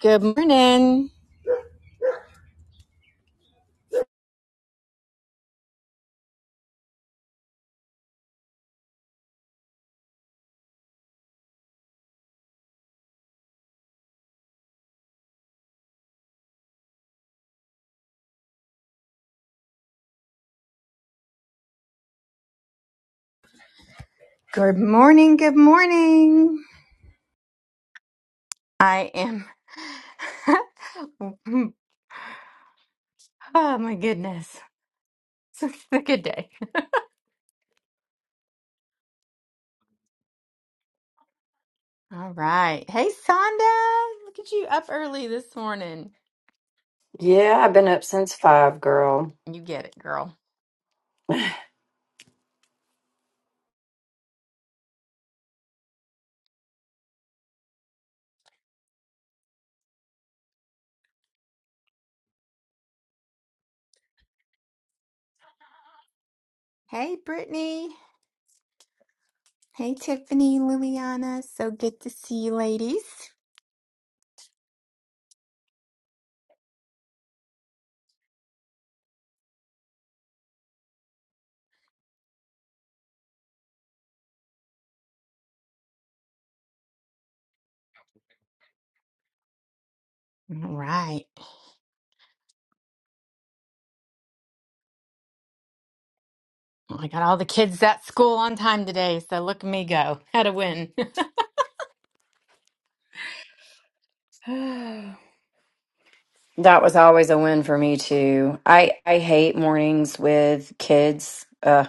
Good morning. Good morning. Good morning. I am. oh my goodness. It's a good day. All right. Hey, Sonda. Look at you up early this morning. Yeah, I've been up since five, girl. You get it, girl. Hey, Brittany. Hey, Tiffany, Liliana. So good to see you, ladies. All right. Well, I got all the kids at school on time today. So look at me go. Had a win. That was always a win for me too. I I hate mornings with kids. Uh,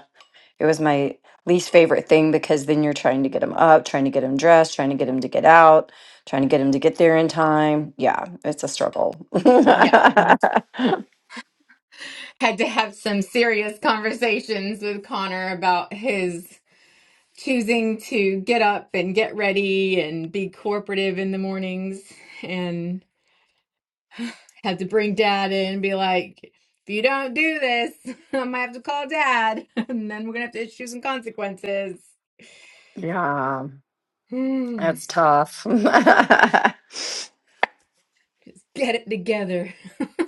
it was my least favorite thing because then you're trying to get them up, trying to get them dressed, trying to get them to get out, trying to get them to get there in time. Yeah, it's a struggle. yeah. had to have some serious conversations with Connor about his choosing to get up and get ready and be cooperative in the mornings and had to bring dad in and be like, if you don't do this, I might have to call dad and then we're gonna have to issue some consequences. yeah, Hmm, that's tough. Just get it together.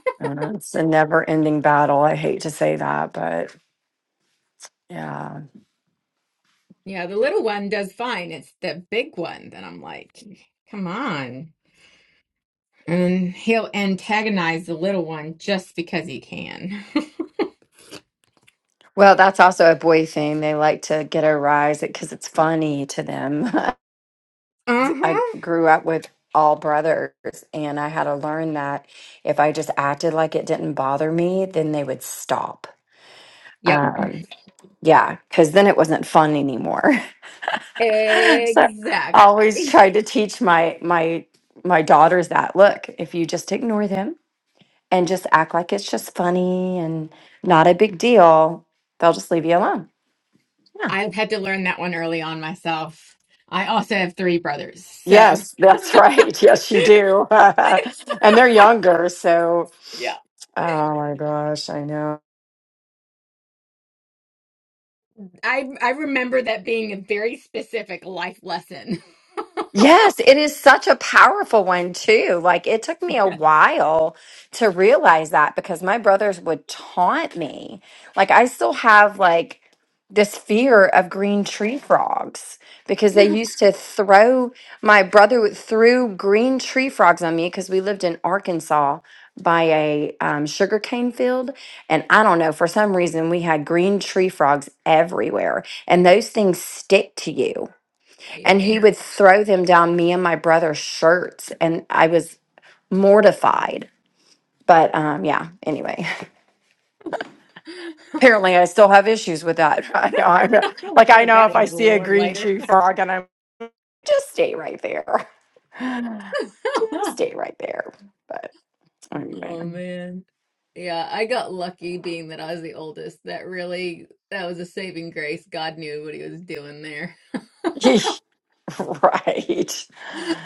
it's a never-ending battle. I hate to say that, but yeah. Yeah, the little one does fine. It's the big one that I'm like, come on. And he'll antagonize the little one just because he can. Well, that's also a boy thing. They like to get a rise because it's funny to them. uh I huh. grew up with all brothers, and I had to learn that if I just acted like it didn't bother me, then they would stop. Yep. Um, yeah, because then it wasn't fun anymore. so I always Exactly. tried to teach my my my daughters that look, if you just ignore them and just act like it's just funny and not a big deal, they'll just leave you alone. Yeah. I had to learn that one early on myself. I also have three brothers. So, Yes, that's right. Yes, you do. and they're younger. So, yeah. oh my gosh, I know. I I remember that being a very specific life lesson. Yes, it is such a powerful one too. Like it took me a while to realize that because my brothers would taunt me. Like I still have like this fear of green tree frogs because they Yes. used to throw my brother would- threw green tree frogs on me because we lived in Arkansas by a um, sugarcane field and I don't know for some reason we had green tree frogs everywhere and those things stick to you and he Ew. would throw them down me and my brother's shirts and i was mortified but um yeah anyway I apparently i still have issues with that i know i'm not- would like i take know that if one i to the see a Lord green later. tree frog and i'm just stay right there just stay right there but anyway Oh man. Yeah, I got lucky being that I was the oldest. That really that was a saving grace. God knew what he was doing there. right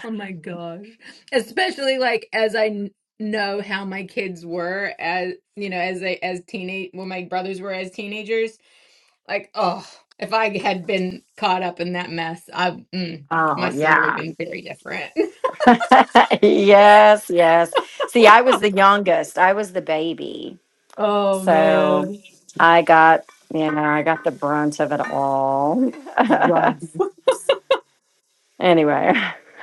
Oh my gosh. Especially like as I kn- know how my kids were as you know, as they as teenage when my brothers were as teenagers. Like, oh, if I had been caught up in that mess, I mm, oh my story would have yeah been very different. yes yes see i was the youngest i was the baby Oh So man. I got, you know, I got the brunt of it all. Rough. anyway,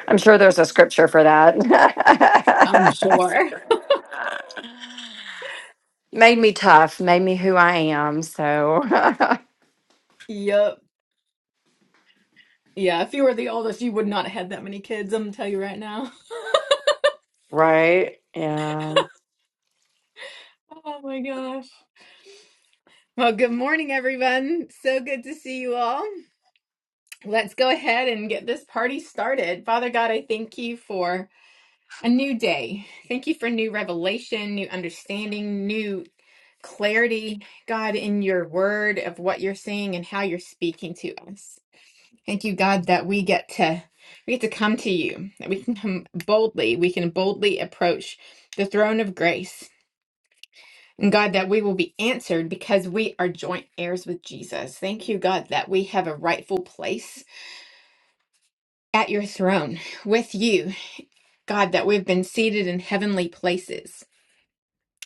I'm sure there's a scripture for that. I'm sure. made me tough, made me who I am. So, Yup. Yeah, if you were the oldest, you would not have had that many kids, I'm gonna tell you right now. right. Yeah. Oh my gosh. Well, good morning, everyone. So good to see you all. Let's go ahead and get this party started. Father God, I thank you for a new day. Thank you for new revelation, new understanding, new clarity, God, in your word of what you're saying and how you're speaking to us. Thank you, God, that we get to we get to come to you, that we can come boldly, we can boldly approach the throne of grace And God, that we will be answered because we are joint heirs with Jesus. Thank you, God, that we have a rightful place at your throne with you. God, that we've been seated in heavenly places.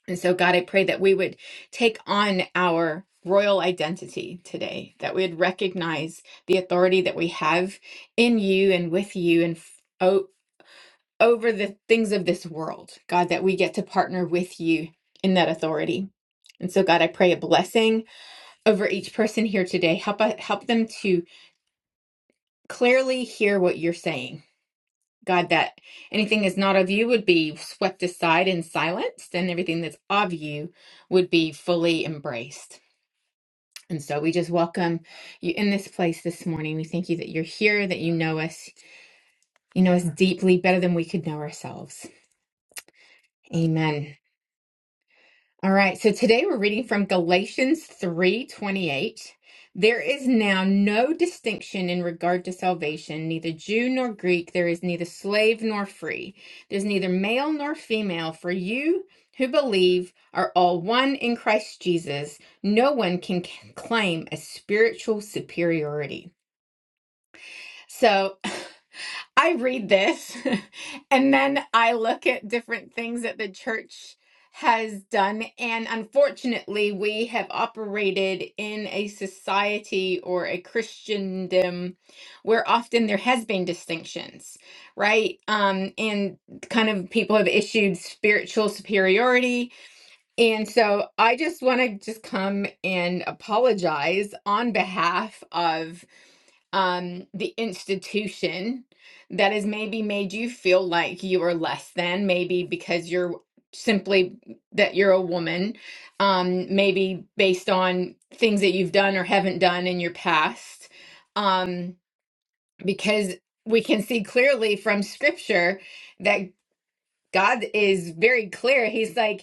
And so, God, I pray that we would take on our royal identity today, that we would recognize the authority that we have in you and with you and f- o- over the things of this world. God, that we get to partner with you in that authority. And so, God, I pray a blessing over each person here today. Help help them to clearly hear what you're saying. God, that anything that's not of you would be swept aside and silenced, and everything that's of you would be fully embraced. And so we just welcome you in this place this morning. We thank you that you're here, that you know us. You know us deeply better than we could know ourselves. Amen. All right, so today we're reading from Galatians 3:28. There is now no distinction in regard to salvation, neither Jew nor Greek, there is neither slave nor free. There's neither male nor female, for you who believe are all one in Christ Jesus. No one can claim a spiritual superiority. So I read this and then I look at different things that the church has done. And unfortunately, we have operated in a society or a Christendom where often there has been distinctions, right? Um, and kind of people have issued spiritual superiority. And so I just want to just come and apologize on behalf of um the institution that has maybe made you feel like you are less than maybe because you're simply that you're a woman um maybe based on things that you've done or haven't done in your past um because we can see clearly from scripture that God is very clear. He's like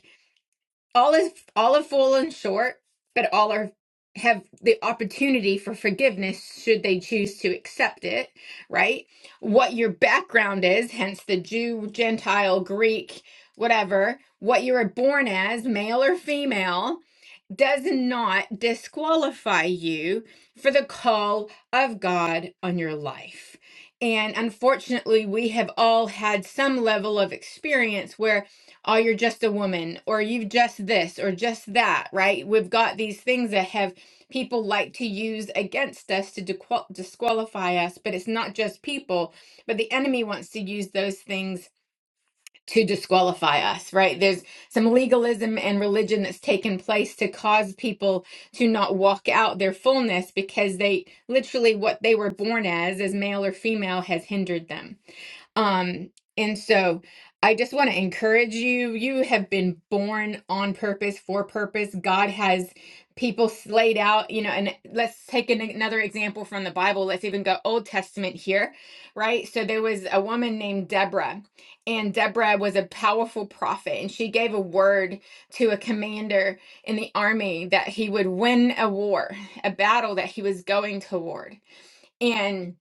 all is all have fallen short, but all are have the opportunity for forgiveness should they choose to accept it, right? What your background is, hence the Jew, Gentile, Greek, whatever, what you were born as, male or female, does not disqualify you for the call of God on your life. And unfortunately, we have all had some level of experience where oh, you're just a woman, or you've just this, or just that, right? We've got these things that have people like to use against us to dequal- disqualify us, but it's not just people, but the enemy wants to use those things to disqualify us, right? There's some legalism and religion that's taken place to cause people to not walk out their fullness because they literally what they were born as, as male or female, has hindered them. Um, and so I just want to encourage you. You have been born on purpose, for purpose. God has people slayed out, you know, and let's take an, another example from the Bible. Let's even go Old Testament here, right? So there was a woman named Deborah, and Deborah was a powerful prophet, and she gave a word to a commander in the army that he would win a war, a battle that he was going toward. And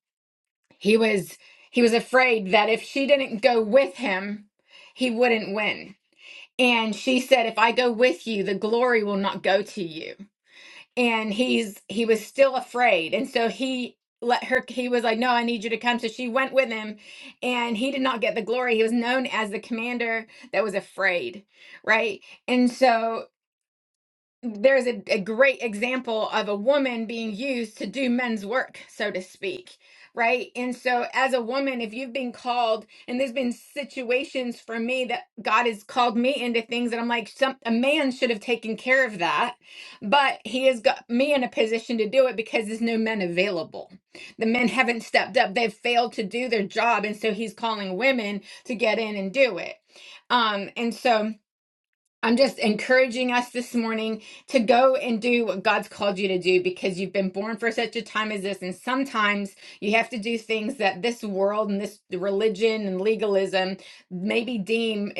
he was he was afraid that if she didn't go with him, he wouldn't win. And she said, "If I go with you, the glory will not go to you." And he's he was still afraid. And so he let her he was like, "No, I need you to come." So she went with him, and he did not get the glory. He was known as the commander that was afraid, right? And so there's a, a great example of a woman being used to do men's work, so to speak, right? And so, as a woman, if you've been called, and there's been situations for me that God has called me into things that I'm like, some a man should have taken care of that, but He has got me in a position to do it because there's no men available. The men haven't stepped up; they've failed to do their job, and so He's calling women to get in and do it. Um, and so. I'm just encouraging us this morning to go and do what God's called you to do because you've been born for such a time as this. And sometimes you have to do things that this world and this religion and legalism maybe deem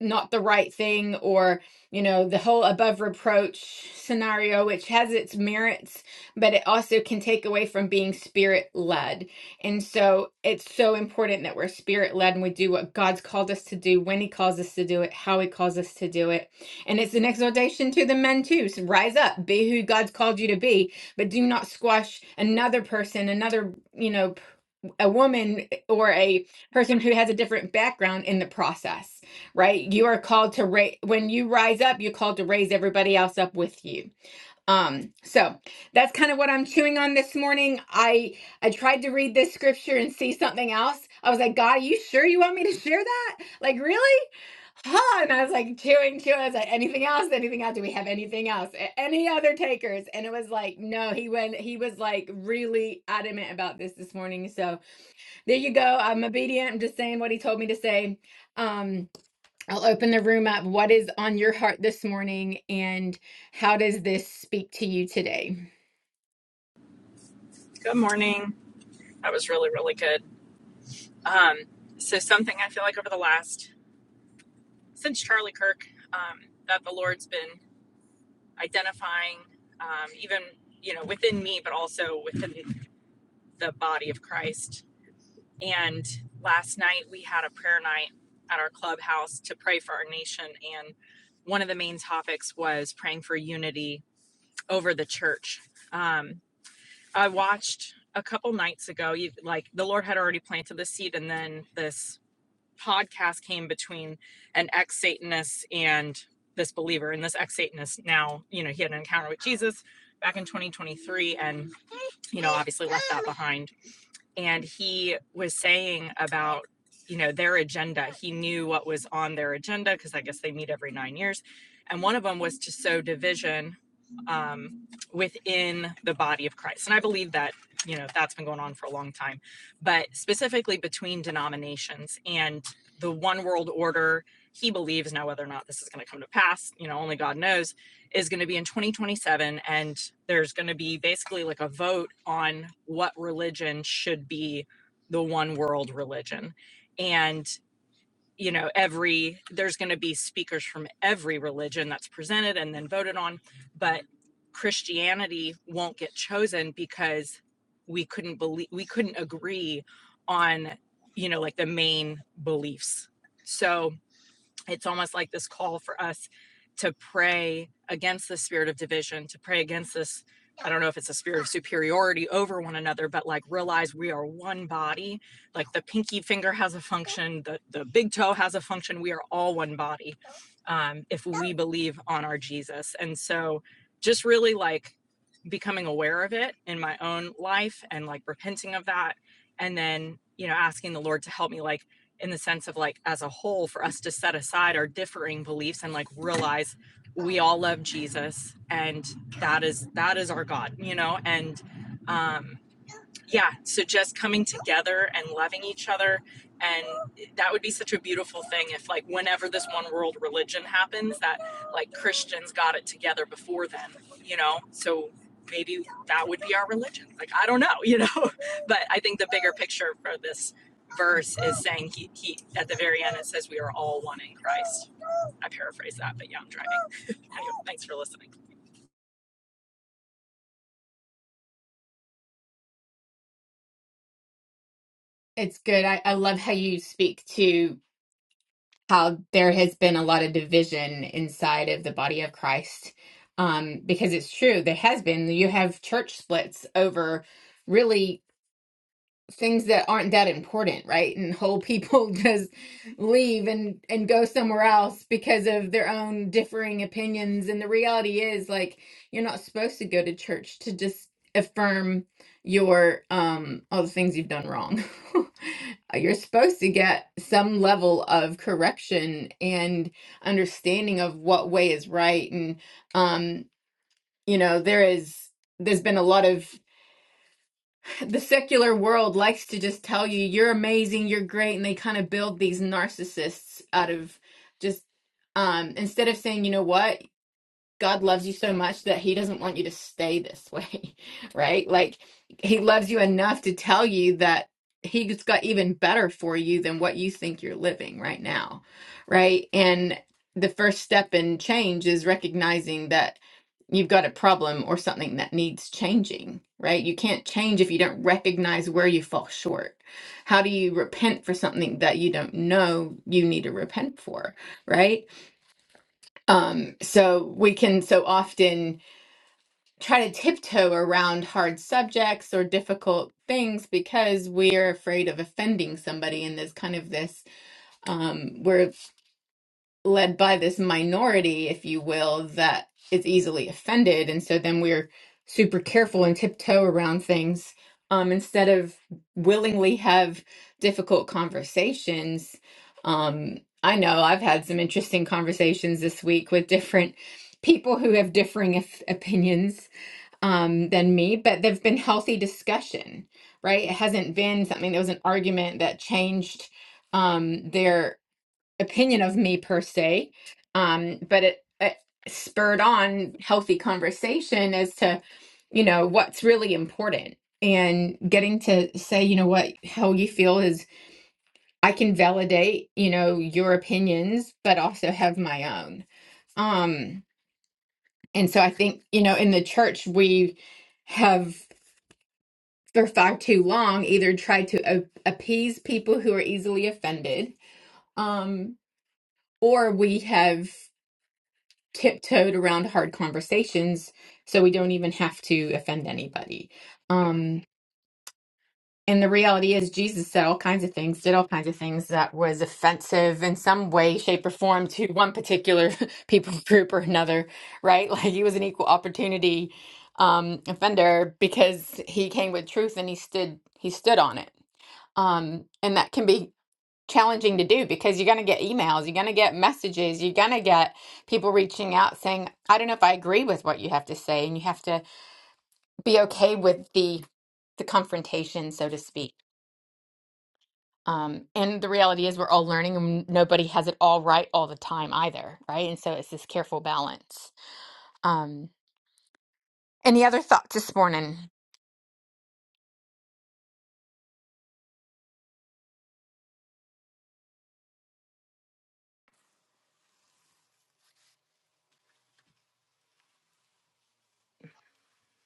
not the right thing or you know the whole above reproach scenario which has its merits but it also can take away from being spirit led and so it's so important that we're spirit led and we do what god's called us to do when he calls us to do it how he calls us to do it and it's an exhortation to the men too so rise up be who god's called you to be but do not squash another person another you know a woman or a person who has a different background in the process, right? You are called to raise when you rise up, you're called to raise everybody else up with you. Um, so that's kind of what I'm chewing on this morning. I I tried to read this scripture and see something else. I was like, God, are you sure you want me to share that? Like, really? Huh? And I was like chewing, chewing. I was like, anything else? Anything else? Do we have anything else? Any other takers? And it was like, no, he went, he was like really adamant about this this morning. So there you go. I'm obedient. I'm just saying what he told me to say. Um, I'll open the room up. What is on your heart this morning, and how does this speak to you today? Good morning. That was really, really good. Um, so something I feel like over the last since Charlie Kirk, um, that the Lord's been identifying, um, even you know within me, but also within the body of Christ. And last night we had a prayer night at our clubhouse to pray for our nation, and one of the main topics was praying for unity over the church. Um, I watched a couple nights ago, you, like the Lord had already planted the seed, and then this podcast came between an ex Satanist and this believer. And this ex Satanist now, you know, he had an encounter with Jesus back in 2023 and, you know, obviously left that behind and he was saying about you know their agenda he knew what was on their agenda because i guess they meet every nine years and one of them was to sow division um, within the body of christ and i believe that you know that's been going on for a long time but specifically between denominations and the one world order he believes now whether or not this is going to come to pass you know only god knows is going to be in 2027 and there's going to be basically like a vote on what religion should be the one world religion and you know every there's going to be speakers from every religion that's presented and then voted on but christianity won't get chosen because we couldn't believe we couldn't agree on you know like the main beliefs so it's almost like this call for us to pray against the spirit of division, to pray against this. I don't know if it's a spirit of superiority over one another, but like realize we are one body. Like the pinky finger has a function, the, the big toe has a function. We are all one body um, if we believe on our Jesus. And so just really like becoming aware of it in my own life and like repenting of that. And then, you know, asking the Lord to help me like in the sense of like as a whole for us to set aside our differing beliefs and like realize we all love Jesus and that is that is our God, you know, and um yeah so just coming together and loving each other and that would be such a beautiful thing if like whenever this one world religion happens that like christians got it together before then you know so maybe that would be our religion like i don't know you know but i think the bigger picture for this verse is saying he, he at the very end it says we are all one in christ i paraphrase that but yeah i'm driving anyway, thanks for listening It's good. I, I love how you speak to how there has been a lot of division inside of the body of Christ. Um, because it's true, there has been. You have church splits over really things that aren't that important, right? And whole people just leave and and go somewhere else because of their own differing opinions. And the reality is like you're not supposed to go to church to just affirm your um all the things you've done wrong. You're supposed to get some level of correction and understanding of what way is right and um you know there is there's been a lot of the secular world likes to just tell you you're amazing, you're great, and they kind of build these narcissists out of just um instead of saying, you know what? God loves you so much that he doesn't want you to stay this way, right? Like he loves you enough to tell you that he's got even better for you than what you think you're living right now, right? And the first step in change is recognizing that you've got a problem or something that needs changing, right? You can't change if you don't recognize where you fall short. How do you repent for something that you don't know you need to repent for, right? Um, so we can so often try to tiptoe around hard subjects or difficult things because we're afraid of offending somebody in this kind of this um, we're led by this minority, if you will, that is easily offended. And so then we're super careful and tiptoe around things um, instead of willingly have difficult conversations. Um, I know I've had some interesting conversations this week with different people who have differing op- opinions um, than me, but they've been healthy discussion, right? It hasn't been something that was an argument that changed um, their opinion of me per se, um, but it, it spurred on healthy conversation as to you know what's really important and getting to say you know what how you feel is I can validate you know your opinions but also have my own. Um, and so I think you know in the church we have for far too long either tried to a- appease people who are easily offended um, or we have tiptoed around hard conversations so we don't even have to offend anybody. Um, and the reality is, Jesus said all kinds of things, did all kinds of things that was offensive in some way, shape, or form to one particular people group or another, right? Like he was an equal opportunity um, offender because he came with truth and he stood he stood on it. Um, and that can be challenging to do because you're going to get emails, you're going to get messages, you're going to get people reaching out saying, "I don't know if I agree with what you have to say," and you have to be okay with the the confrontation, so to speak. Um, and the reality is, we're all learning, and nobody has it all right all the time either, right? And so it's this careful balance. Um, any other thoughts this morning?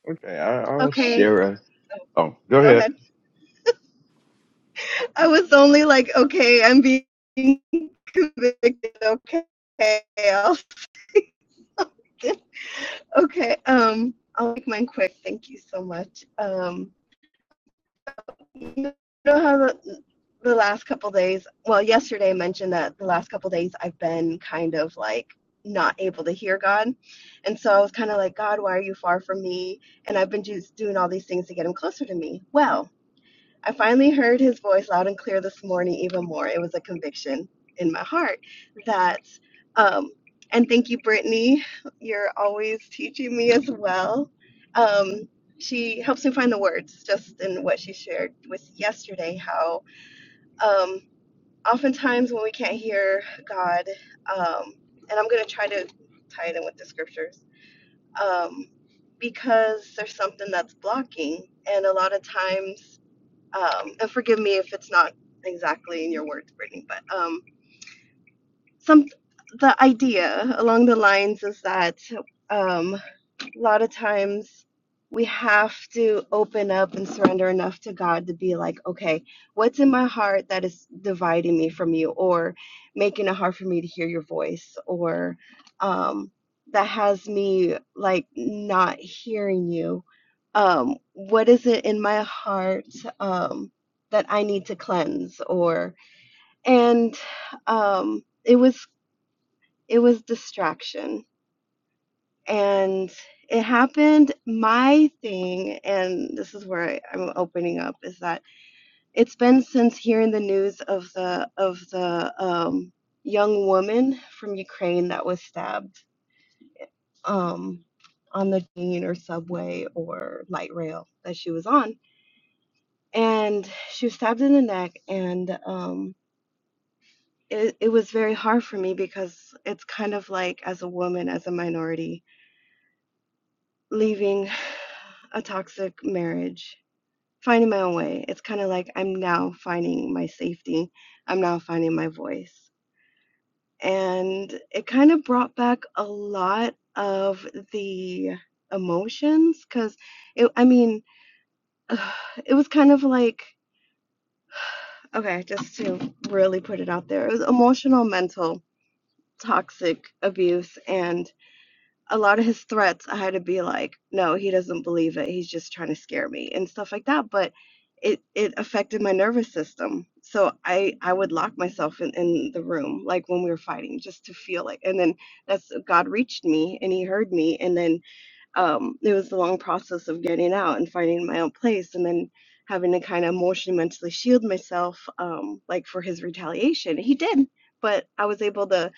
Okay, I, I'll Okay, share a. Oh, go go ahead. ahead. I was only like, okay, I'm being convicted. Okay, I'll, stop it. okay. Um, I'll make mine quick. Thank you so much. Um, you know how the, the last couple days, well, yesterday I mentioned that the last couple days I've been kind of like not able to hear God, and so I was kind of like, God, why are you far from me? And I've been just doing all these things to get Him closer to me. Well. I finally heard his voice loud and clear this morning, even more. It was a conviction in my heart that, um, and thank you, Brittany. You're always teaching me as well. Um, she helps me find the words just in what she shared with yesterday, how um, oftentimes when we can't hear God, um, and I'm going to try to tie it in with the scriptures, um, because there's something that's blocking. And a lot of times, um, and forgive me if it's not exactly in your words, Brittany, but um, some the idea along the lines is that um, a lot of times we have to open up and surrender enough to God to be like, okay, what's in my heart that is dividing me from you or making it hard for me to hear your voice or um, that has me like not hearing you? Um, what is it in my heart um, that I need to cleanse or and um, it was it was distraction and it happened my thing and this is where I, i'm opening up is that it's been since hearing the news of the of the um, young woman from ukraine that was stabbed um, on the train or subway or light rail that she was on and she was stabbed in the neck and um, it, it was very hard for me because it's kind of like as a woman as a minority leaving a toxic marriage finding my own way. It's kind of like I'm now finding my safety. I'm now finding my voice. And it kind of brought back a lot of the emotions because it, I mean, ugh, it was kind of like, okay, just to really put it out there, it was emotional, mental, toxic abuse. and. a lot of his threats, I had to be like, no, he doesn't believe it. He's just trying to scare me and stuff like that. But it it affected my nervous system. So I I would lock myself in, in the room like when we were fighting just to feel like and then that's God reached me and he heard me and then um it was the long process of getting out and finding my own place and then having to kind of emotionally mentally shield myself um like for his retaliation. He did, but I was able to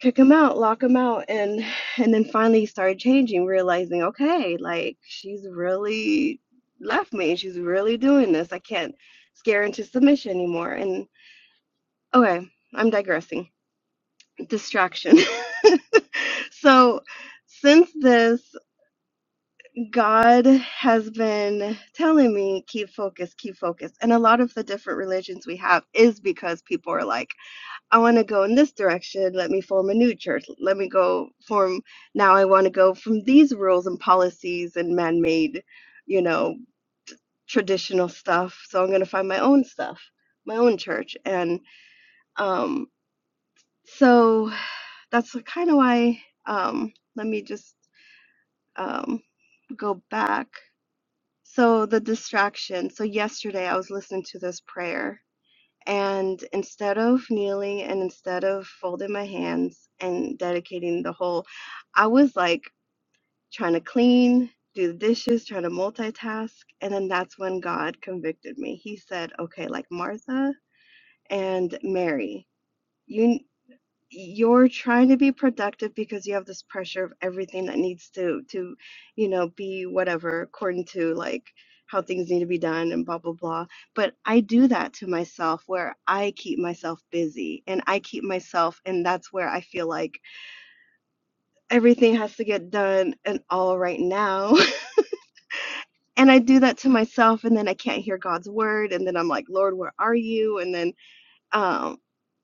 kick him out, lock him out, and and then finally started changing, realizing, okay, like she's really left me. She's really doing this. I can't scare into submission anymore. And okay, I'm digressing. Distraction. so since this, God has been telling me keep focus, keep focus. And a lot of the different religions we have is because people are like I want to go in this direction. Let me form a new church. Let me go form. Now I want to go from these rules and policies and man made, you know, traditional stuff. So I'm going to find my own stuff, my own church. And um, so that's kind of why. Um, let me just um, go back. So the distraction. So yesterday I was listening to this prayer And instead of kneeling and instead of folding my hands and dedicating the whole, I was like trying to clean, do the dishes, trying to multitask. And then that's when God convicted me. He said, okay, like Martha and Mary. You, you're trying to be productive because you have this pressure of everything that needs to to you know be whatever according to like how things need to be done and blah blah blah but i do that to myself where i keep myself busy and i keep myself and that's where i feel like everything has to get done and all right now and i do that to myself and then i can't hear god's word and then i'm like lord where are you and then um,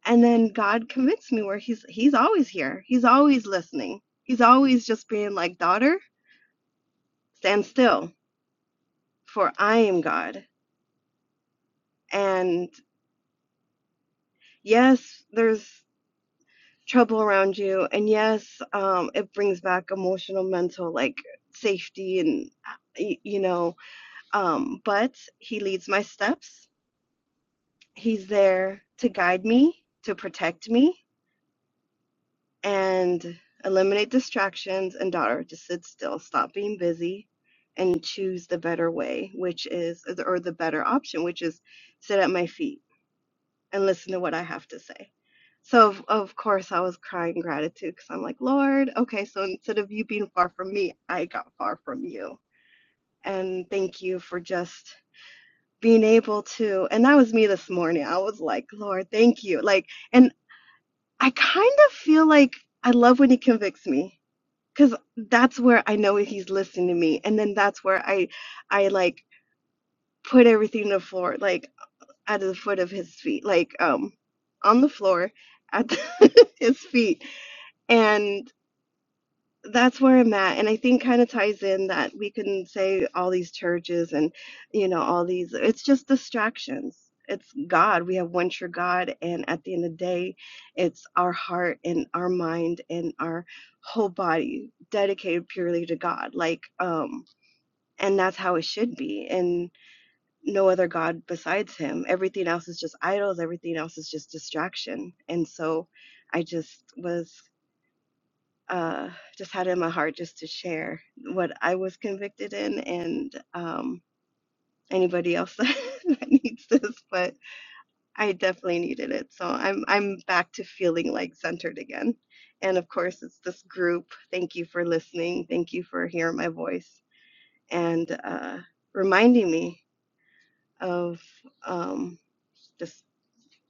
and then God convinced me where he's he's always here. He's always listening. He's always just being like, "Daughter, stand still, for I am God." And yes, there's trouble around you, and yes, um, it brings back emotional, mental, like safety, and you know. Um, but He leads my steps. He's there to guide me, to protect me, and eliminate distractions. And daughter, just sit still, stop being busy, and choose the better way, which is, or the better option, which is sit at my feet and listen to what I have to say. So, of, of course, I was crying gratitude because I'm like, Lord, okay, so instead of you being far from me, I got far from you. And thank you for just being able to. And that was me this morning. I was like, Lord, thank you. Like, and I kind of feel like I love when he convicts me because that's where I know he's listening to me, and then that's where I, I like put everything to the floor, like at the foot of his feet, like um, on the floor at his feet, and that's where I'm at. And I think kind of ties in that we can say all these churches and, you know, all these, it's just distractions. It's God. We have one true God. And at the end of the day, it's our heart and our mind and our whole body dedicated purely to God. Like, um, and that's how it should be. And no other God besides Him. Everything else is just idols. Everything else is just distraction. And so I just was uh, just had in my heart just to share what I was convicted in and um, anybody else that needs this, but I definitely needed it. So I'm I'm back to feeling like centered again. And of course, it's this group. Thank you for listening. Thank you for hearing my voice and uh, reminding me of um, this.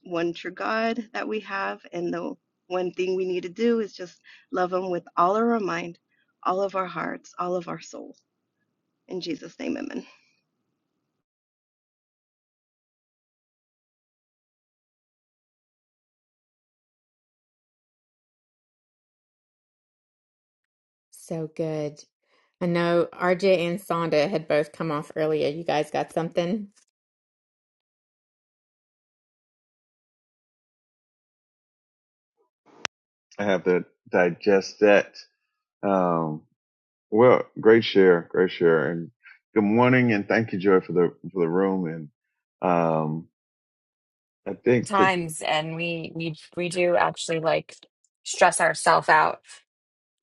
one true God that we have. And the one thing we need to do is just love Him with all of our mind, all of our hearts, all of our soul. In Jesus' name, amen. So good. I know RJ and Sonda had both come off earlier. You guys got something? I have to digest that. Um, well, great share, great share, and good morning, and thank you, Joy, for the for the room. And um, I think to. times and we we we do actually like stress ourselves out.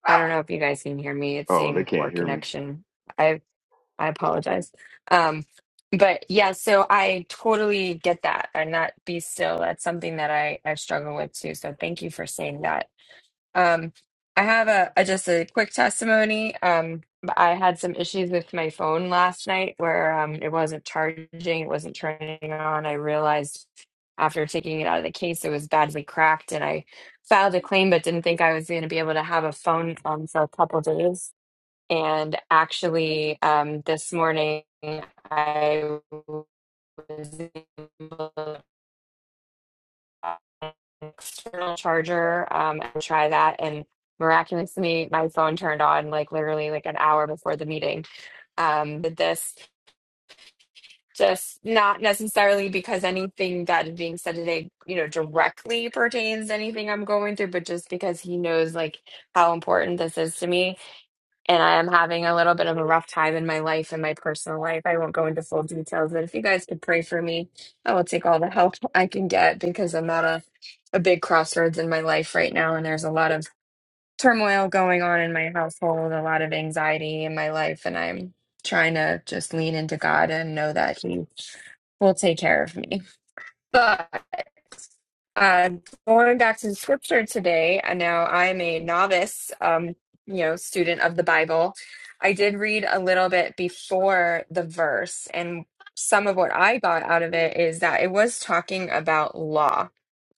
I don't know if you guys can hear me. It's Oh, they saying poor can't hear me. connection. I I apologize. Um but yeah, so I totally get that and that be still. That's something that I I struggle with too. So thank you for saying that um, I have a, a just a quick testimony. Um, I had some issues with my phone last night where um, it wasn't charging, it wasn't turning on. I realized after taking it out of the case, it was badly cracked, and I filed a claim, but didn't think I was going to be able to have a phone um, for a couple of days. And actually, um, this morning I was external charger um, and try that. And miraculously, my phone turned on like literally like an hour before the meeting. Um, did this just not necessarily because anything that is being said today, you know, directly pertains to anything I'm going through, but just because he knows like how important this is to me and I am having a little bit of a rough time in my life and my personal life. I won't go into full details, but if you guys could pray for me, I will take all the help I can get because I'm at a, a big crossroads in my life right now, and there's a lot of turmoil going on in my household, a lot of anxiety in my life, and I'm trying to just lean into God and know that He will take care of me. But uh, going back to the scripture today, and now I'm a novice, um, you know, student of the Bible. I did read a little bit before the verse, and some of what I got out of it is that it was talking about law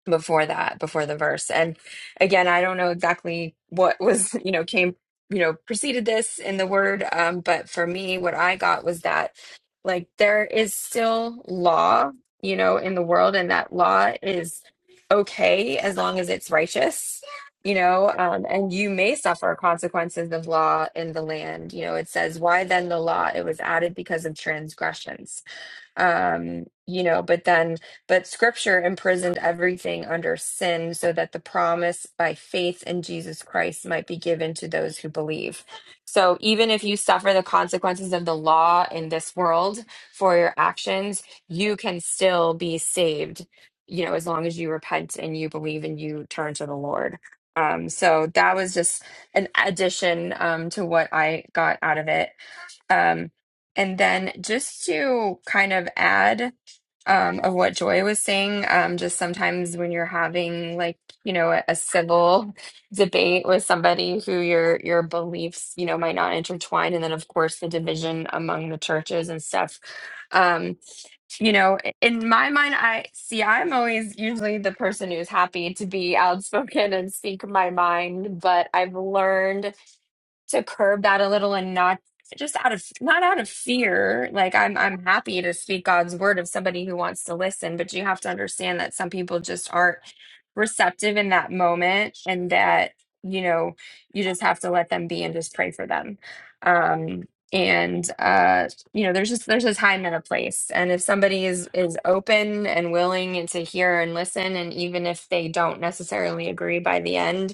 before that, before the verse. And again, I don't know exactly what was, you know, came, you know, preceded this in the word. Um, but for me, what I got was that like there is still law you know, in the world, and that law is okay as long as it's righteous, you know, um, and you may suffer consequences of law in the land. You know, it says, Why then the law? It was added because of transgressions um, you know, but then, but scripture imprisoned everything under sin so that the promise by faith in Jesus Christ might be given to those who believe. So even if you suffer the consequences of the law in this world for your actions, you can still be saved, you know, as long as you repent and you believe and you turn to the Lord. Um, so that was just an addition um, to what I got out of it. Um, and then just to kind of add um, of what Joy was saying, um, just sometimes when you're having like you know a, a civil debate with somebody who your your beliefs you know might not intertwine, and then of course the division among the churches and stuff. Um, you know, i- in my mind, I see I'm always usually the person who's happy to be outspoken and speak my mind, but I've learned to curb that a little and not just out of not out of fear like i'm i'm happy to speak god's word of somebody who wants to listen but you have to understand that some people just aren't receptive in that moment and that you know you just have to let them be and just pray for them um and uh you know there's just there's a time and a place and if somebody is is open and willing and to hear and listen and even if they don't necessarily agree by the end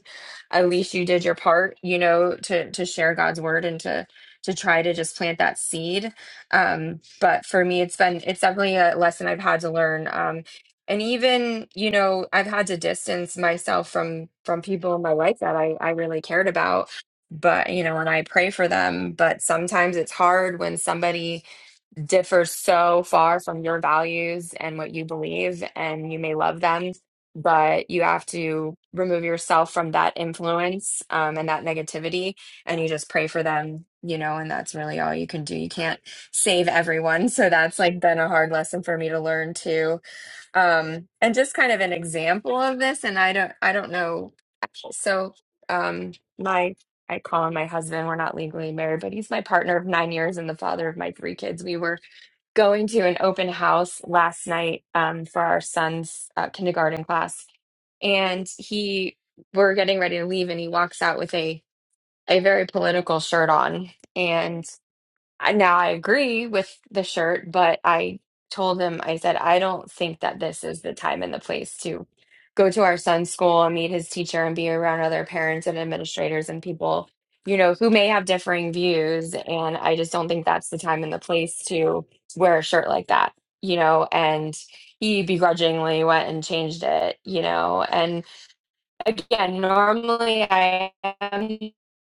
at least you did your part, you know, to to share God's word and to to try to just plant that seed. Um, but for me, it's been it's definitely a lesson I've had to learn. Um, and even you know, I've had to distance myself from from people in my life that I I really cared about. But you know, and I pray for them. But sometimes it's hard when somebody differ so far from your values and what you believe, and you may love them, but you have to remove yourself from that influence um, and that negativity, and you just pray for them, you know, and that's really all you can do. You can't save everyone. So that's like been a hard lesson for me to learn too. Um, and just kind of an example of this, and I don't, I don't know. So um, my I call him my husband. We're not legally married, but he's my partner of nine years and the father of my three kids. We were going to an open house last night um, for our son's uh, kindergarten class, and he we're getting ready to leave, and he walks out with a a very political shirt on, and. I- Now I agree with the shirt, but I told him, I said, I don't think that this is the time and the place to go to our son's school and meet his teacher and be around other parents and administrators and people, you know, who may have differing views. And I just don't think that's the time and the place to wear a shirt like that, you know. And he begrudgingly went and changed it, you know. and again, normally I am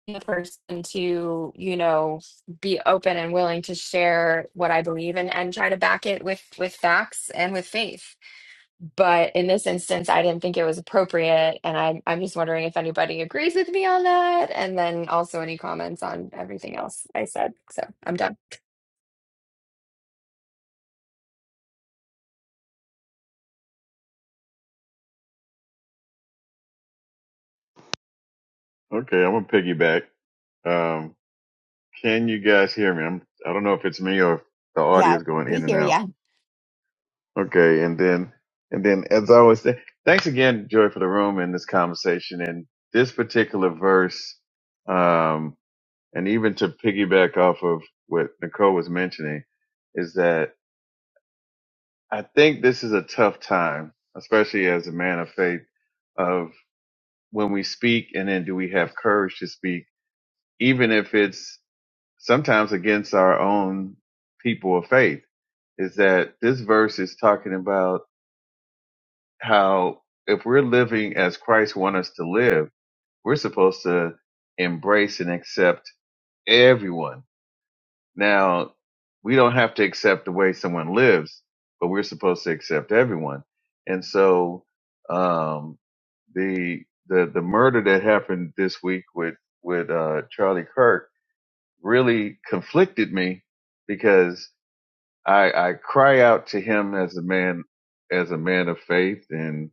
the person to, you know, be open and willing to share what I believe in and try to back it with with facts and with faith. But in this instance, I didn't think it was appropriate, and I, I'm just wondering if anybody agrees with me on that, and then also any comments on everything else I said. So I'm done. Okay, I'm gonna piggyback. Um, can you guys hear me? I'm. I don't know if it's me or if the audio is going in and out. Okay, and then and then as I always say, thanks again, Joy, for the room and this conversation and this particular verse. Um, and even to piggyback off of what Nicole was mentioning, is that I think this is a tough time, especially as a man of faith, of when we speak and then do we have courage to speak, even if it's sometimes against our own people of faith, is that this verse is talking about how if we're living as Christ wants us to live, we're supposed to embrace and accept everyone Now, we don't have to accept the way someone lives, but we're supposed to accept everyone. And so, um, the, the, the murder that happened this week with, with, uh, Charlie Kirk really conflicted me because I, I cry out to him as a man, as a man of faith and,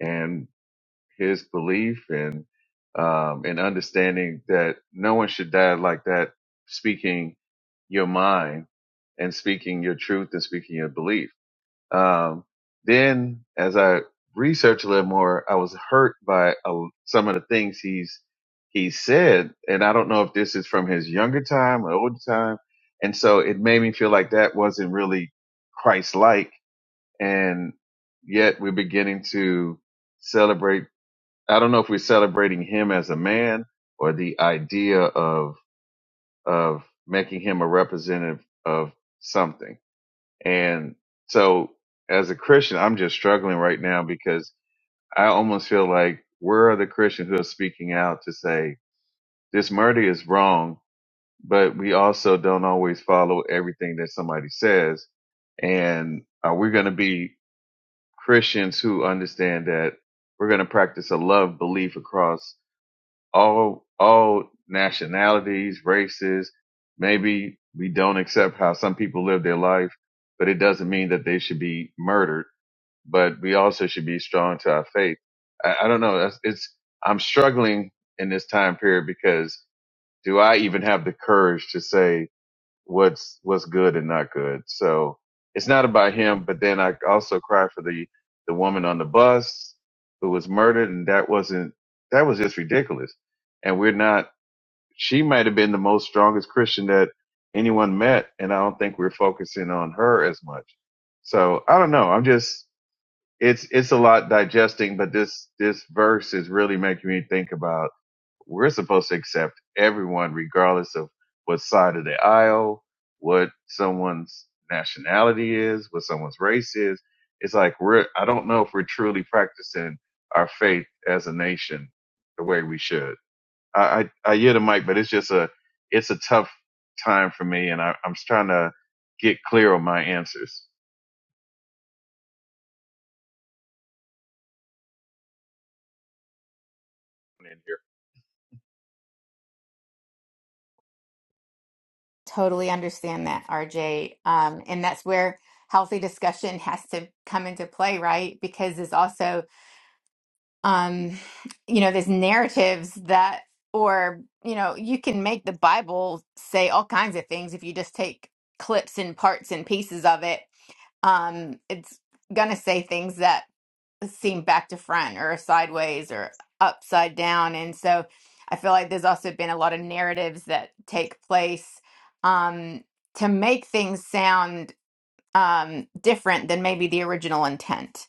and his belief and um, and understanding that no one should die like that, speaking your mind and speaking your truth and speaking your belief. Um, then, as I researched a little more, I was hurt by uh, some of the things he's he said, and I don't know if this is from his younger time or older time, and so it made me feel like that wasn't really Christ-like, and yet we're beginning to celebrate I don't know if we're celebrating him as a man or the idea of of making him a representative of something. And so as a Christian, I'm just struggling right now because I almost feel like where are the Christians who are speaking out to say this murder is wrong, but we also don't always follow everything that somebody says. And are we going to be Christians who understand that we're going to practice a love belief across all all nationalities, races. Maybe we don't accept how some people live their life, but it doesn't mean that they should be murdered. But we also should be strong to our faith. I, I don't know. That's- It's I'm struggling in this time period because do I even have the courage to say? what's what's good and not good. So it's not about him, but then I also cry for the the woman on the bus who was murdered, and that wasn't that was just ridiculous. And we're not. She might have been the most strongest Christian that anyone met, and I don't think we're focusing on her as much. So I don't know. I'm just it's it's a lot digesting, but this this verse is really making me think about we're supposed to accept everyone, regardless of what side of the aisle, what someone's nationality is, what someone's race is. It's like we're, I don't know if we're truly practicing our faith as a nation the way we should. I, I, I hear the mic, but it's just a, it's a tough time for me. And I, I'm trying to get clear on my answers. in here. Totally understand that, RJ. Um, and that's where healthy discussion has to come into play, right? Because there's also, um, you know, there's narratives that, or, you know, you can make the Bible say all kinds of things if you just take clips and parts and pieces of it. Um, it's going to say things that seem back to front or sideways or upside down. And so I feel like there's also been a lot of narratives that take place um, to make things sound um, different than maybe the original intent.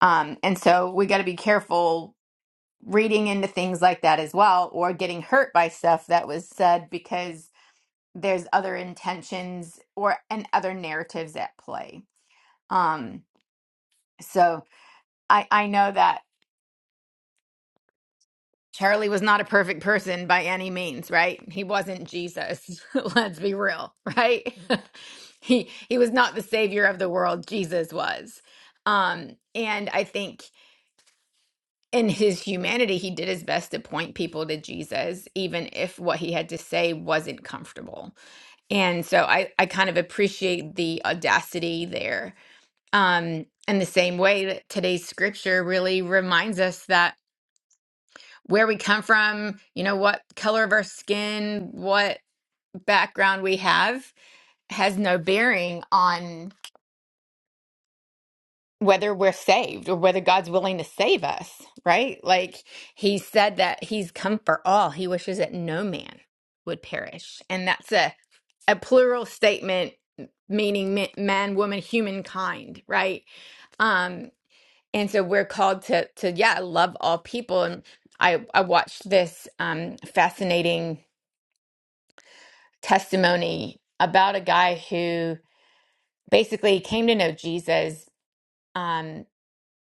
Um, and so we got to be careful reading into things like that as well or getting hurt by stuff that was said because there's other intentions or and other narratives at play. Um, so I, I know that Charlie was not a perfect person by any means, right? He wasn't Jesus. Let's be real, right? he he was not the savior of the world. Jesus was. Um and I think in his humanity he did his best to point people to Jesus even if what he had to say wasn't comfortable. And so I I kind of appreciate the audacity there. Um in the same way that today's scripture really reminds us that where we come from, you know, what color of our skin, what background we have has no bearing on whether we're saved or whether God's willing to save us, right? Like he said that he's come for all. He wishes that no man would perish. And that's a, a plural statement meaning ma- man, woman, humankind, right? Um and so we're called to to yeah, love all people and I I watched this um fascinating testimony about a guy who basically came to know Jesus, um,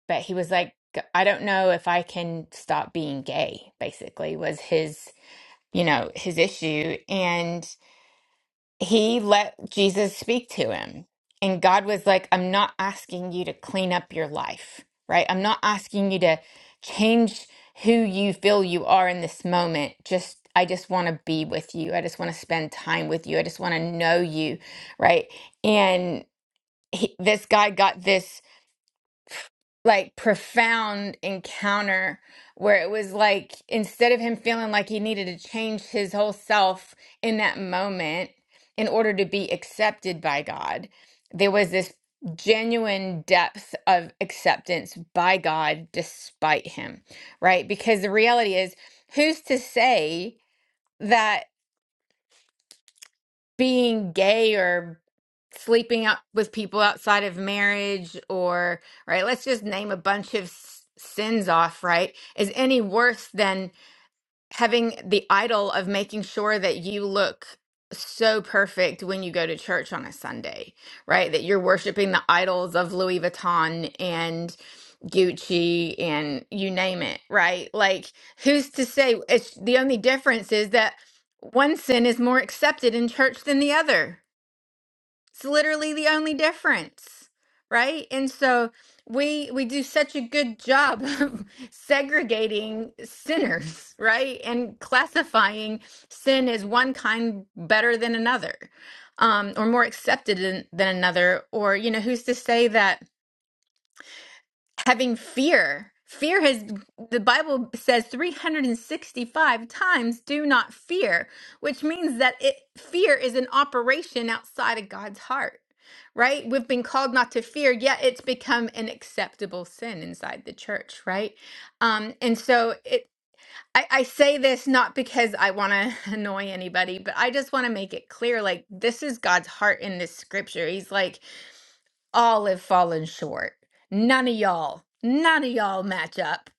but he was like, I don't know if I can stop being gay, basically, was his, you know, his issue. and he let Jesus speak to him. And God was like, I'm not asking you to clean up your life, right? I'm not asking you to change who you feel you are in this moment. Just, I just want to be with you. I just want to spend time with you. I just want to know you, right? And he, this guy got this like profound encounter where it was like instead of him feeling like he needed to change his whole self in that moment in order to be accepted by God, there was this genuine depth of acceptance by God despite him, right? Because the reality is, who's to say? that? being gay or sleeping out with people outside of marriage or right let's just name a bunch of s- sins off right is any worse than having the idol of making sure that you look so perfect when you go to church on a Sunday right that you're worshiping the idols of Louis Vuitton and Gucci and you name it right like who's to say it's the only difference is that one sin is more accepted in church than the other it's literally the only difference, right? And so we we do such a good job of segregating sinners, right? And classifying sin as one kind better than another, um, or more accepted than, than another. Or, you know, who's to say that having fear. Fear has, the Bible says 365 times, do not fear, which means that it, fear is an operation outside of God's heart, right? We've been called not to fear, yet it's become an acceptable sin inside the church, right? Um, and so it, I, I say this not because I want to annoy anybody, but I just want to make it clear like, this is God's heart in this scripture. He's like, all have fallen short. None of y'all, none of y'all match up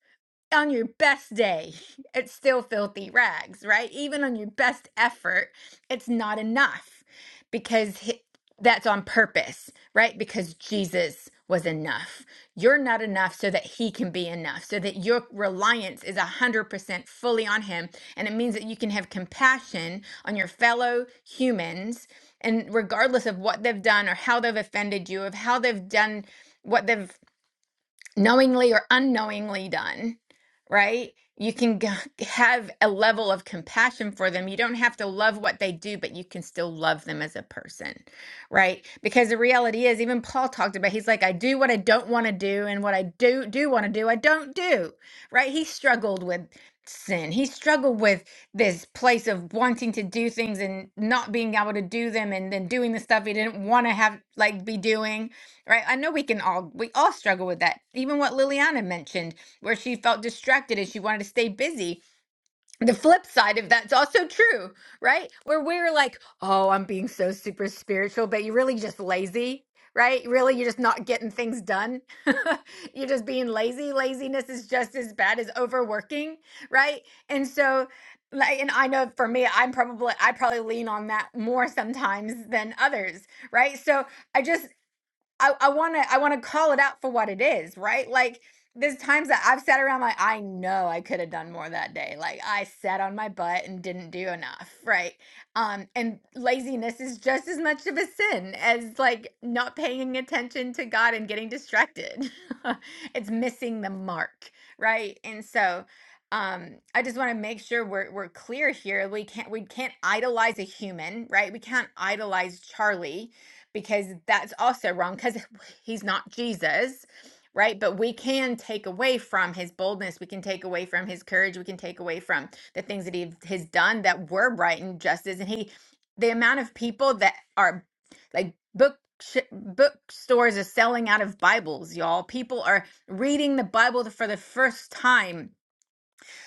on your best day, it's still filthy rags, right? Even on your best effort, it's not enough because hi- that's on purpose, right? Because Jesus was enough. You're not enough so that he can be enough, so that your reliance is 100% fully on him. And it means that you can have compassion on your fellow humans. And regardless of what they've done or how they've offended you, of how they've done what they've knowingly or unknowingly done, right? You can g- have a level of compassion for them. You don't have to love what they do, but you can still love them as a person, right? Because the reality is, even Paul talked about, he's like, I do what I don't want to do, and what I do do want to do, I don't do, right? He struggled with sin. He struggled with this place of wanting to do things and not being able to do them, and then doing the stuff he didn't want to have, like, be doing Right. I know we can all we all struggle with that. Even what Liliana mentioned, where she felt distracted and she wanted to stay busy. The flip side of that's also true, right? Where we're like, oh, I'm being so super spiritual, but you're really just lazy, right? Really, you're just not getting things done. you're just being lazy. Laziness is just as bad as overworking, right? And so like and I know for me, I'm probably I probably lean on that more sometimes than others, right? So I just I, I wanna I wanna call it out for what it is, right? Like there's times that I've sat around like I know I could have done more that day. Like I sat on my butt and didn't do enough, right? Um, and laziness is just as much of a sin as like not paying attention to God and getting distracted. it's missing the mark, right? And so um I just want to make sure we're we're clear here. We can't we can't idolize a human, right? We can't idolize Charlie because that's also wrong because he's not Jesus, right? But we can take away from his boldness, we can take away from his courage, we can take away from the things that he has done that were right and justice. And he, the amount of people that are like book sh- bookstores are selling out of Bibles, y'all. People are reading the Bible for the first time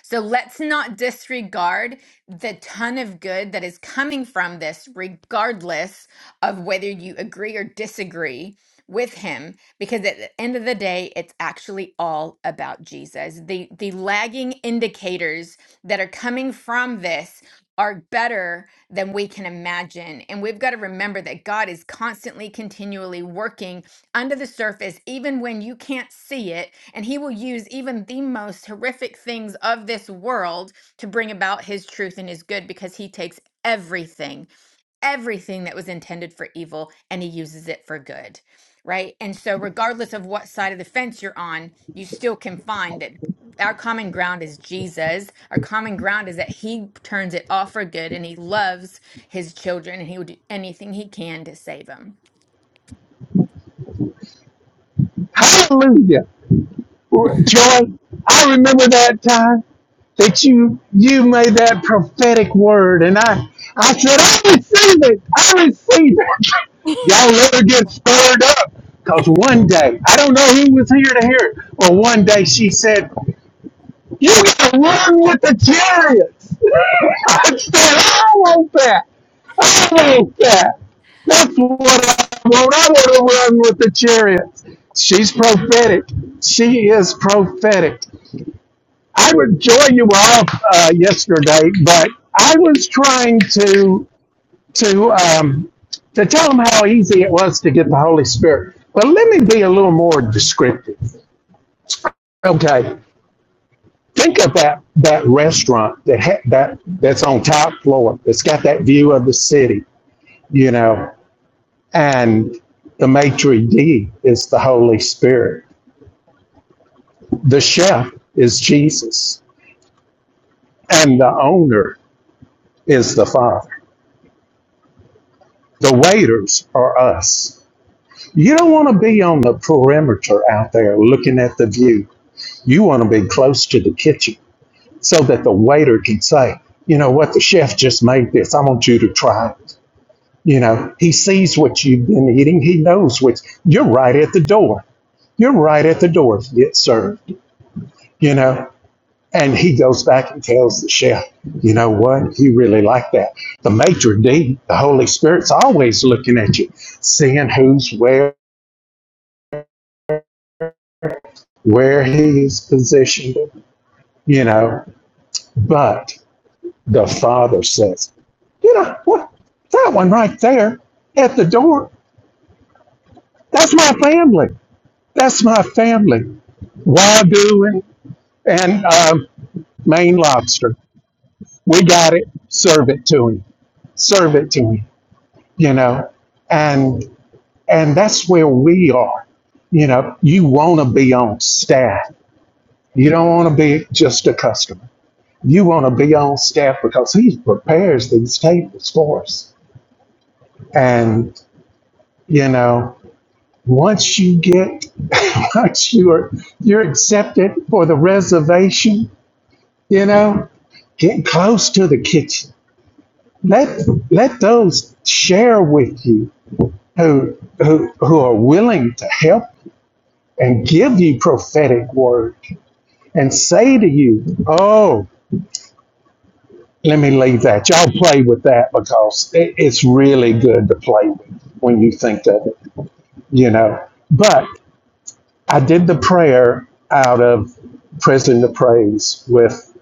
so let's not disregard the ton of good that is coming from this, regardless of whether you agree or disagree with him, because at the end of the day, it's actually all about Jesus. The, the lagging indicators that are coming from this are better than we can imagine. And we've got to remember that God is constantly, continually working under the surface, even when you can't see it. And he will use even the most horrific things of this world to bring about his truth and his good because he takes everything, everything that was intended for evil, and he uses it for good. Right. And so, regardless of what side of the fence you're on, you still can find that our common ground is Jesus. Our common ground is that he turns it all for good and he loves his children and he will do anything he can to save them. Hallelujah. Joy, I remember that time that you you made that prophetic word and I I said, I receive it. I receive it. Y'all let her get stirred up. Cause one day, I don't know who was here to hear it, but one day she said, you can run with the chariots. I said, I want that. I want that. That's what I want. I want to run with the chariots. She's prophetic. She is prophetic. I would join you off uh, yesterday, but I was trying to to um, to tell them how easy it was to get the Holy Spirit. But let me be a little more descriptive. Okay. Think of that that restaurant that ha- that that's on top floor that's got that view of the city, you know, and the maitre d is the Holy Spirit, the chef is Jesus, and the owner is the Father. The waiters are us. You don't want to be on the perimeter out there looking at the view. You want to be close to the kitchen so that the waiter can say, you know what, the chef just made this. I want you to try it. You know, he sees what you've been eating. He knows what's, you're right at the door. You're right at the door to get served, you know. And he goes back and tells the chef, you know what? He really liked that. The maitre d', the Holy Spirit's always looking at you, seeing who's where, where he is positioned, you know. But the Father says, you know what? That one right there at the door, that's my family. That's my family. Why doing? and um, Maine lobster. We got it. Serve it to him. Serve it to him. You know, and and that's where we are. You know, you want to be on staff. You don't want to be just a customer. You want to be on staff because he prepares these tables for us. And you know, once you get, once you're you're accepted for the reservation, you know, get close to the kitchen let let those share with you who who who are willing to help and give you prophetic word and say to you, "Oh, let me leave that. Y'all play with that because it, it's really good to play with when you think of it, you know." But I did the prayer out of President of Praise with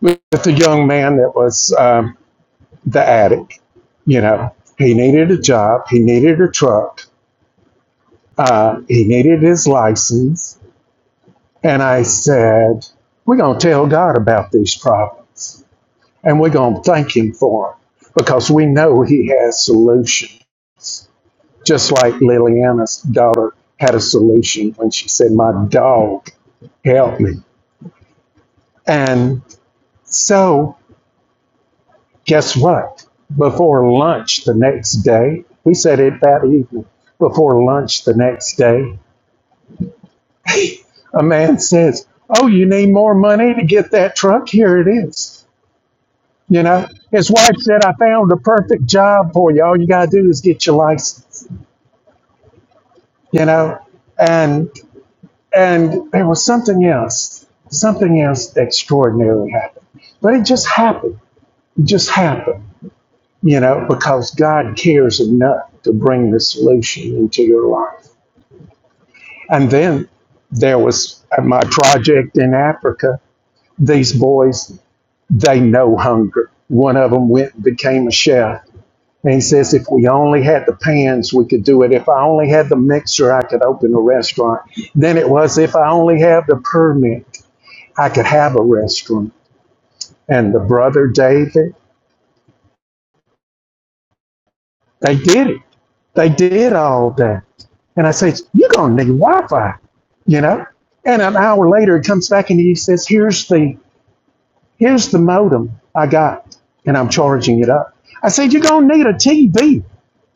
with the young man that was um, the addict. You know, he needed a job, he needed a truck, Uh, he needed his license. And I said, We're going to tell God about these problems and we're going to thank Him for them because we know He has solution. Just like Liliana's daughter had a solution when she said, My dog helped me. And so, guess what? Before lunch the next day, we said it that evening. Before lunch the next day, a man says, Oh, you need more money to get that truck? Here it is. You know, his wife said, I found the perfect job for you. All you got to do is get your license, you know? And, and there was something else, something else extraordinary happened. But it just happened. It just happened, you know, because God cares enough to bring the solution into your life. And then there was my project in Africa. These boys, they know hunger. One of them went and became a chef And he says, if we only had the pans, we could do it. If I only had the mixer, I could open a restaurant. Then it was, if I only have the permit, I could have a restaurant. And the brother David, they did it. They did all that. And I said, you're going to need Wi-Fi, you know? And an hour later, he comes back and he says, here's the, here's the modem I got. And I'm charging it up. I said, you're going to need a TV.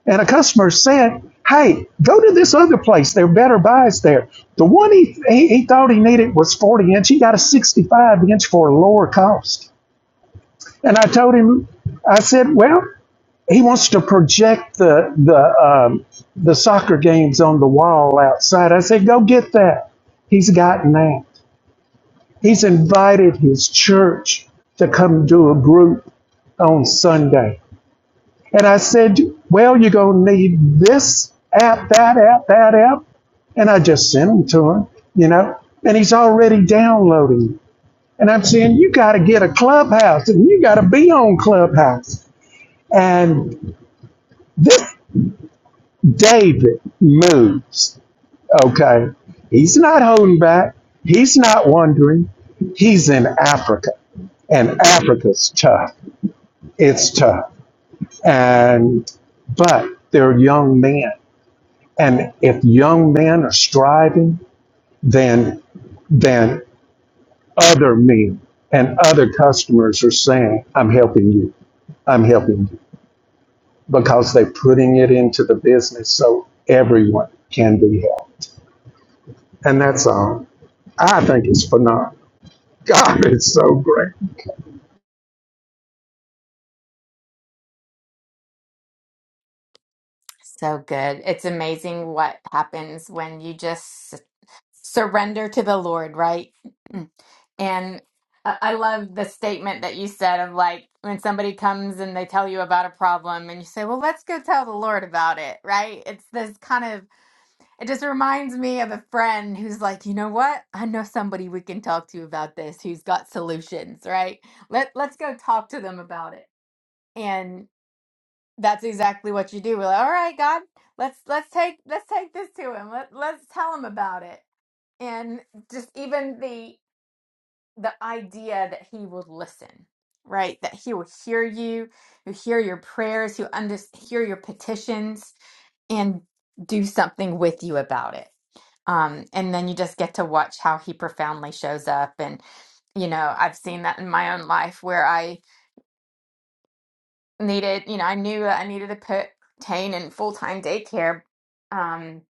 and a customer said, "Hey, go to this other place. There are better buys there." The one he, he he thought he needed was 40 inch. He got a 65 inch for a lower cost. And I told him, I said, "Well, he wants to project the the um, the soccer games on the wall outside." I said, "Go get that." He's gotten that. He's invited his church to come do a group on Sunday. And I said, Well, you're going to need this app, that app, that app. And I just sent them to him, you know, and he's already downloading. And I'm saying, You got to get a clubhouse and you got to be on clubhouse. And this David moves, okay? He's not holding back, he's not wondering. He's in Africa, and Africa's tough. It's tough. And but they're young men. And if young men are striving, then then other men and other customers are saying, "I'm helping you. I'm helping you," because they're putting it into the business so everyone can be helped. And that's all. I think it's phenomenal. God, it's so great. So good. It's amazing what happens when you just s- surrender to the Lord, right? Mm. And I I love the statement that you said of like when somebody comes and they tell you about a problem and you say, "Well, let's go tell the Lord about it," right? It's this kind of it just reminds me of a friend who's like, "You know what? I know somebody we can talk to about this who's got solutions, right? Let let's go talk to them about it." That's exactly what you do. We're like, all right, God, let's let's take let's take this to him. Let let's tell him about it. And just even the the idea that he will listen, right? That he will hear you, he'll hear your prayers, he'll under hear your petitions, and do something with you about it. Um, and then you just get to watch how he profoundly shows up and you know i've seen that in my own life where i needed, you know, I knew that I needed to put Tane in full-time daycare. Um,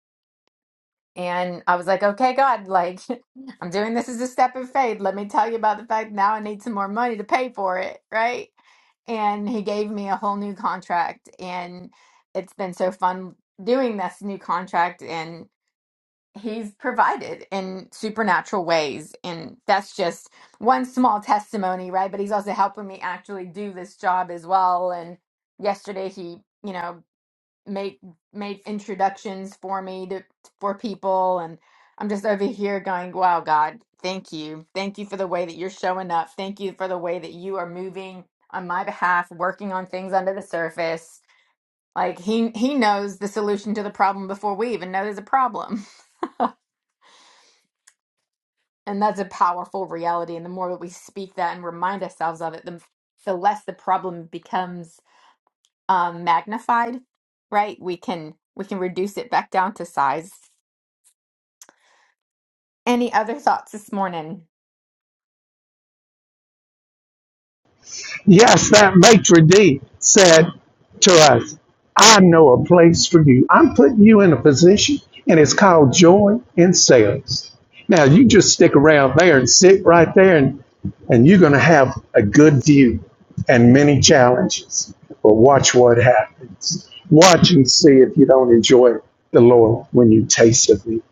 and I was like, okay, God, like I'm doing this as a step of faith. Let me tell you about the fact now I need some more money to pay for it, right? And he gave me a whole new contract and it's been so fun doing this new contract and he's provided in supernatural ways and that's just one small testimony right but he's also helping me actually do this job as well and yesterday he you know made made introductions for me to for people and i'm just over here going wow god thank you thank you for the way that you're showing up thank you for the way that you are moving on my behalf working on things under the surface like he he knows the solution to the problem before we even know there's a problem And that's a powerful reality. And the more that we speak that and remind ourselves of it, the, the less the problem becomes um, magnified, right? We can we can reduce it back down to size. Any other thoughts this morning? Yes, that maitre d' said to us, I know a place for you. I'm putting you in a position, and it's called joy in sales. Now, you just stick around there and sit right there, and, and you're going to have a good view and many challenges. But watch what happens. Watch and see if you don't enjoy the Lord when you taste of me.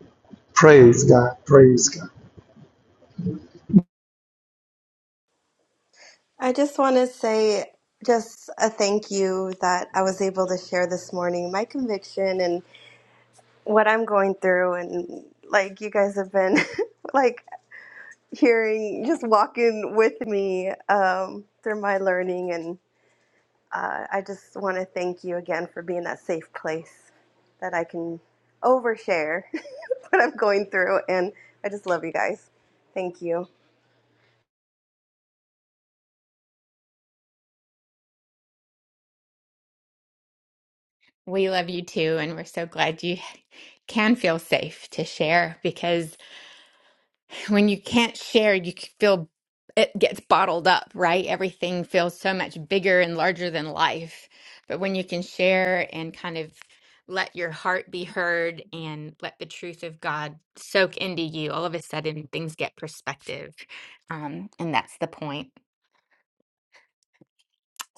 Praise God. Praise God. I just want to say just a thank you that I was able to share this morning my conviction and what I'm going through and like you guys have been like hearing just walking with me um through my learning uh, I just want to thank you again for being that safe place that I can overshare what I'm going through. And I just love you guys. Thank you. We love you too, and we're so glad you can feel safe to share because. when you can't share, you c- feel it gets bottled up, right? Everything feels so much bigger and larger than life. But when you can share and kind of let your heart be heard and let the truth of God soak into you, all of a sudden things get perspective. Um, and that's the point.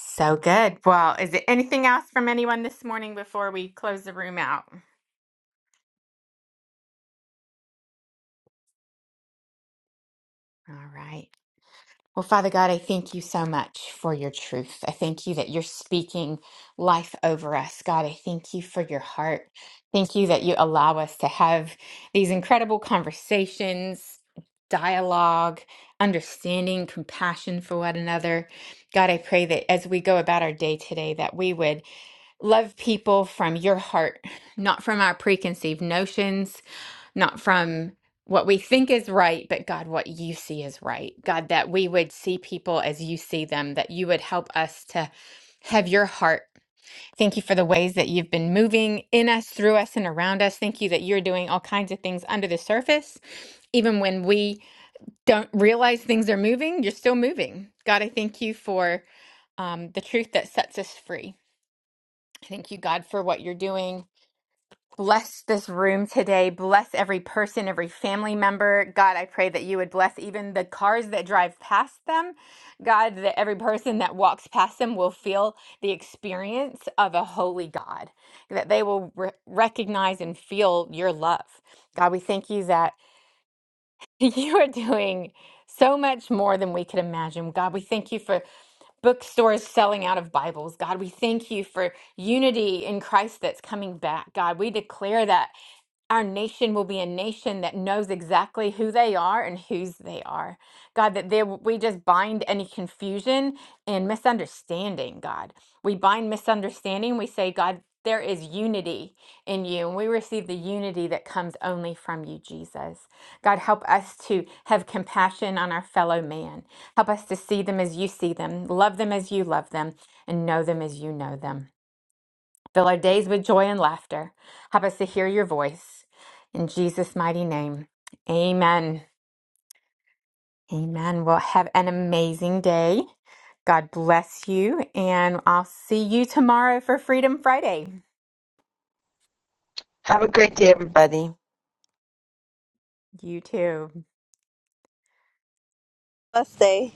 So good. Well, is there anything else from anyone this morning before we close the room out? All right. Well, Father God, I thank you so much for your truth. I thank you that you're speaking life over us. God, I thank you for your heart. Thank you that you allow us to have these incredible conversations, dialogue, understanding, compassion for one another. God, I pray that as we go about our day today, that we would love people from your heart, not from our preconceived notions, not from what we think is right, but God, what you see is right. God, that we would see people as you see them, that you would help us to have your heart. Thank you for the ways that you've been moving in us, through us, and around us. Thank you that you're doing all kinds of things under the surface. Even when we don't realize things are moving, you're still moving. God, I thank you for um, the truth that sets us free Thank you, God, for what you're doing. Bless this room today. Bless every person, every family member. God, I pray that you would bless even the cars that drive past them. God, that every person that walks past them will feel the experience of a holy God, that they will re- recognize and feel your love. God, we thank you that. You are doing so much more than we could imagine. God, we thank you for bookstores selling out of Bibles. God, we thank you for unity in Christ that's coming back. God, we declare that our nation will be a nation that knows exactly who they are and whose they are. God, that there we just bind any confusion and misunderstanding, God. We bind misunderstanding. We say, God, there is unity in you, and we receive the unity that comes only from you, Jesus. God, help us to have compassion on our fellow man. Help us to see them as you see them, love them as you love them, and know them as you know them. Fill our days with joy and laughter. Help us to hear your voice. In Jesus' mighty name, amen. Amen. Well, have an amazing day. God bless you. And I'll see you tomorrow for Freedom Friday. Have a great day, everybody. You too. Blessed day.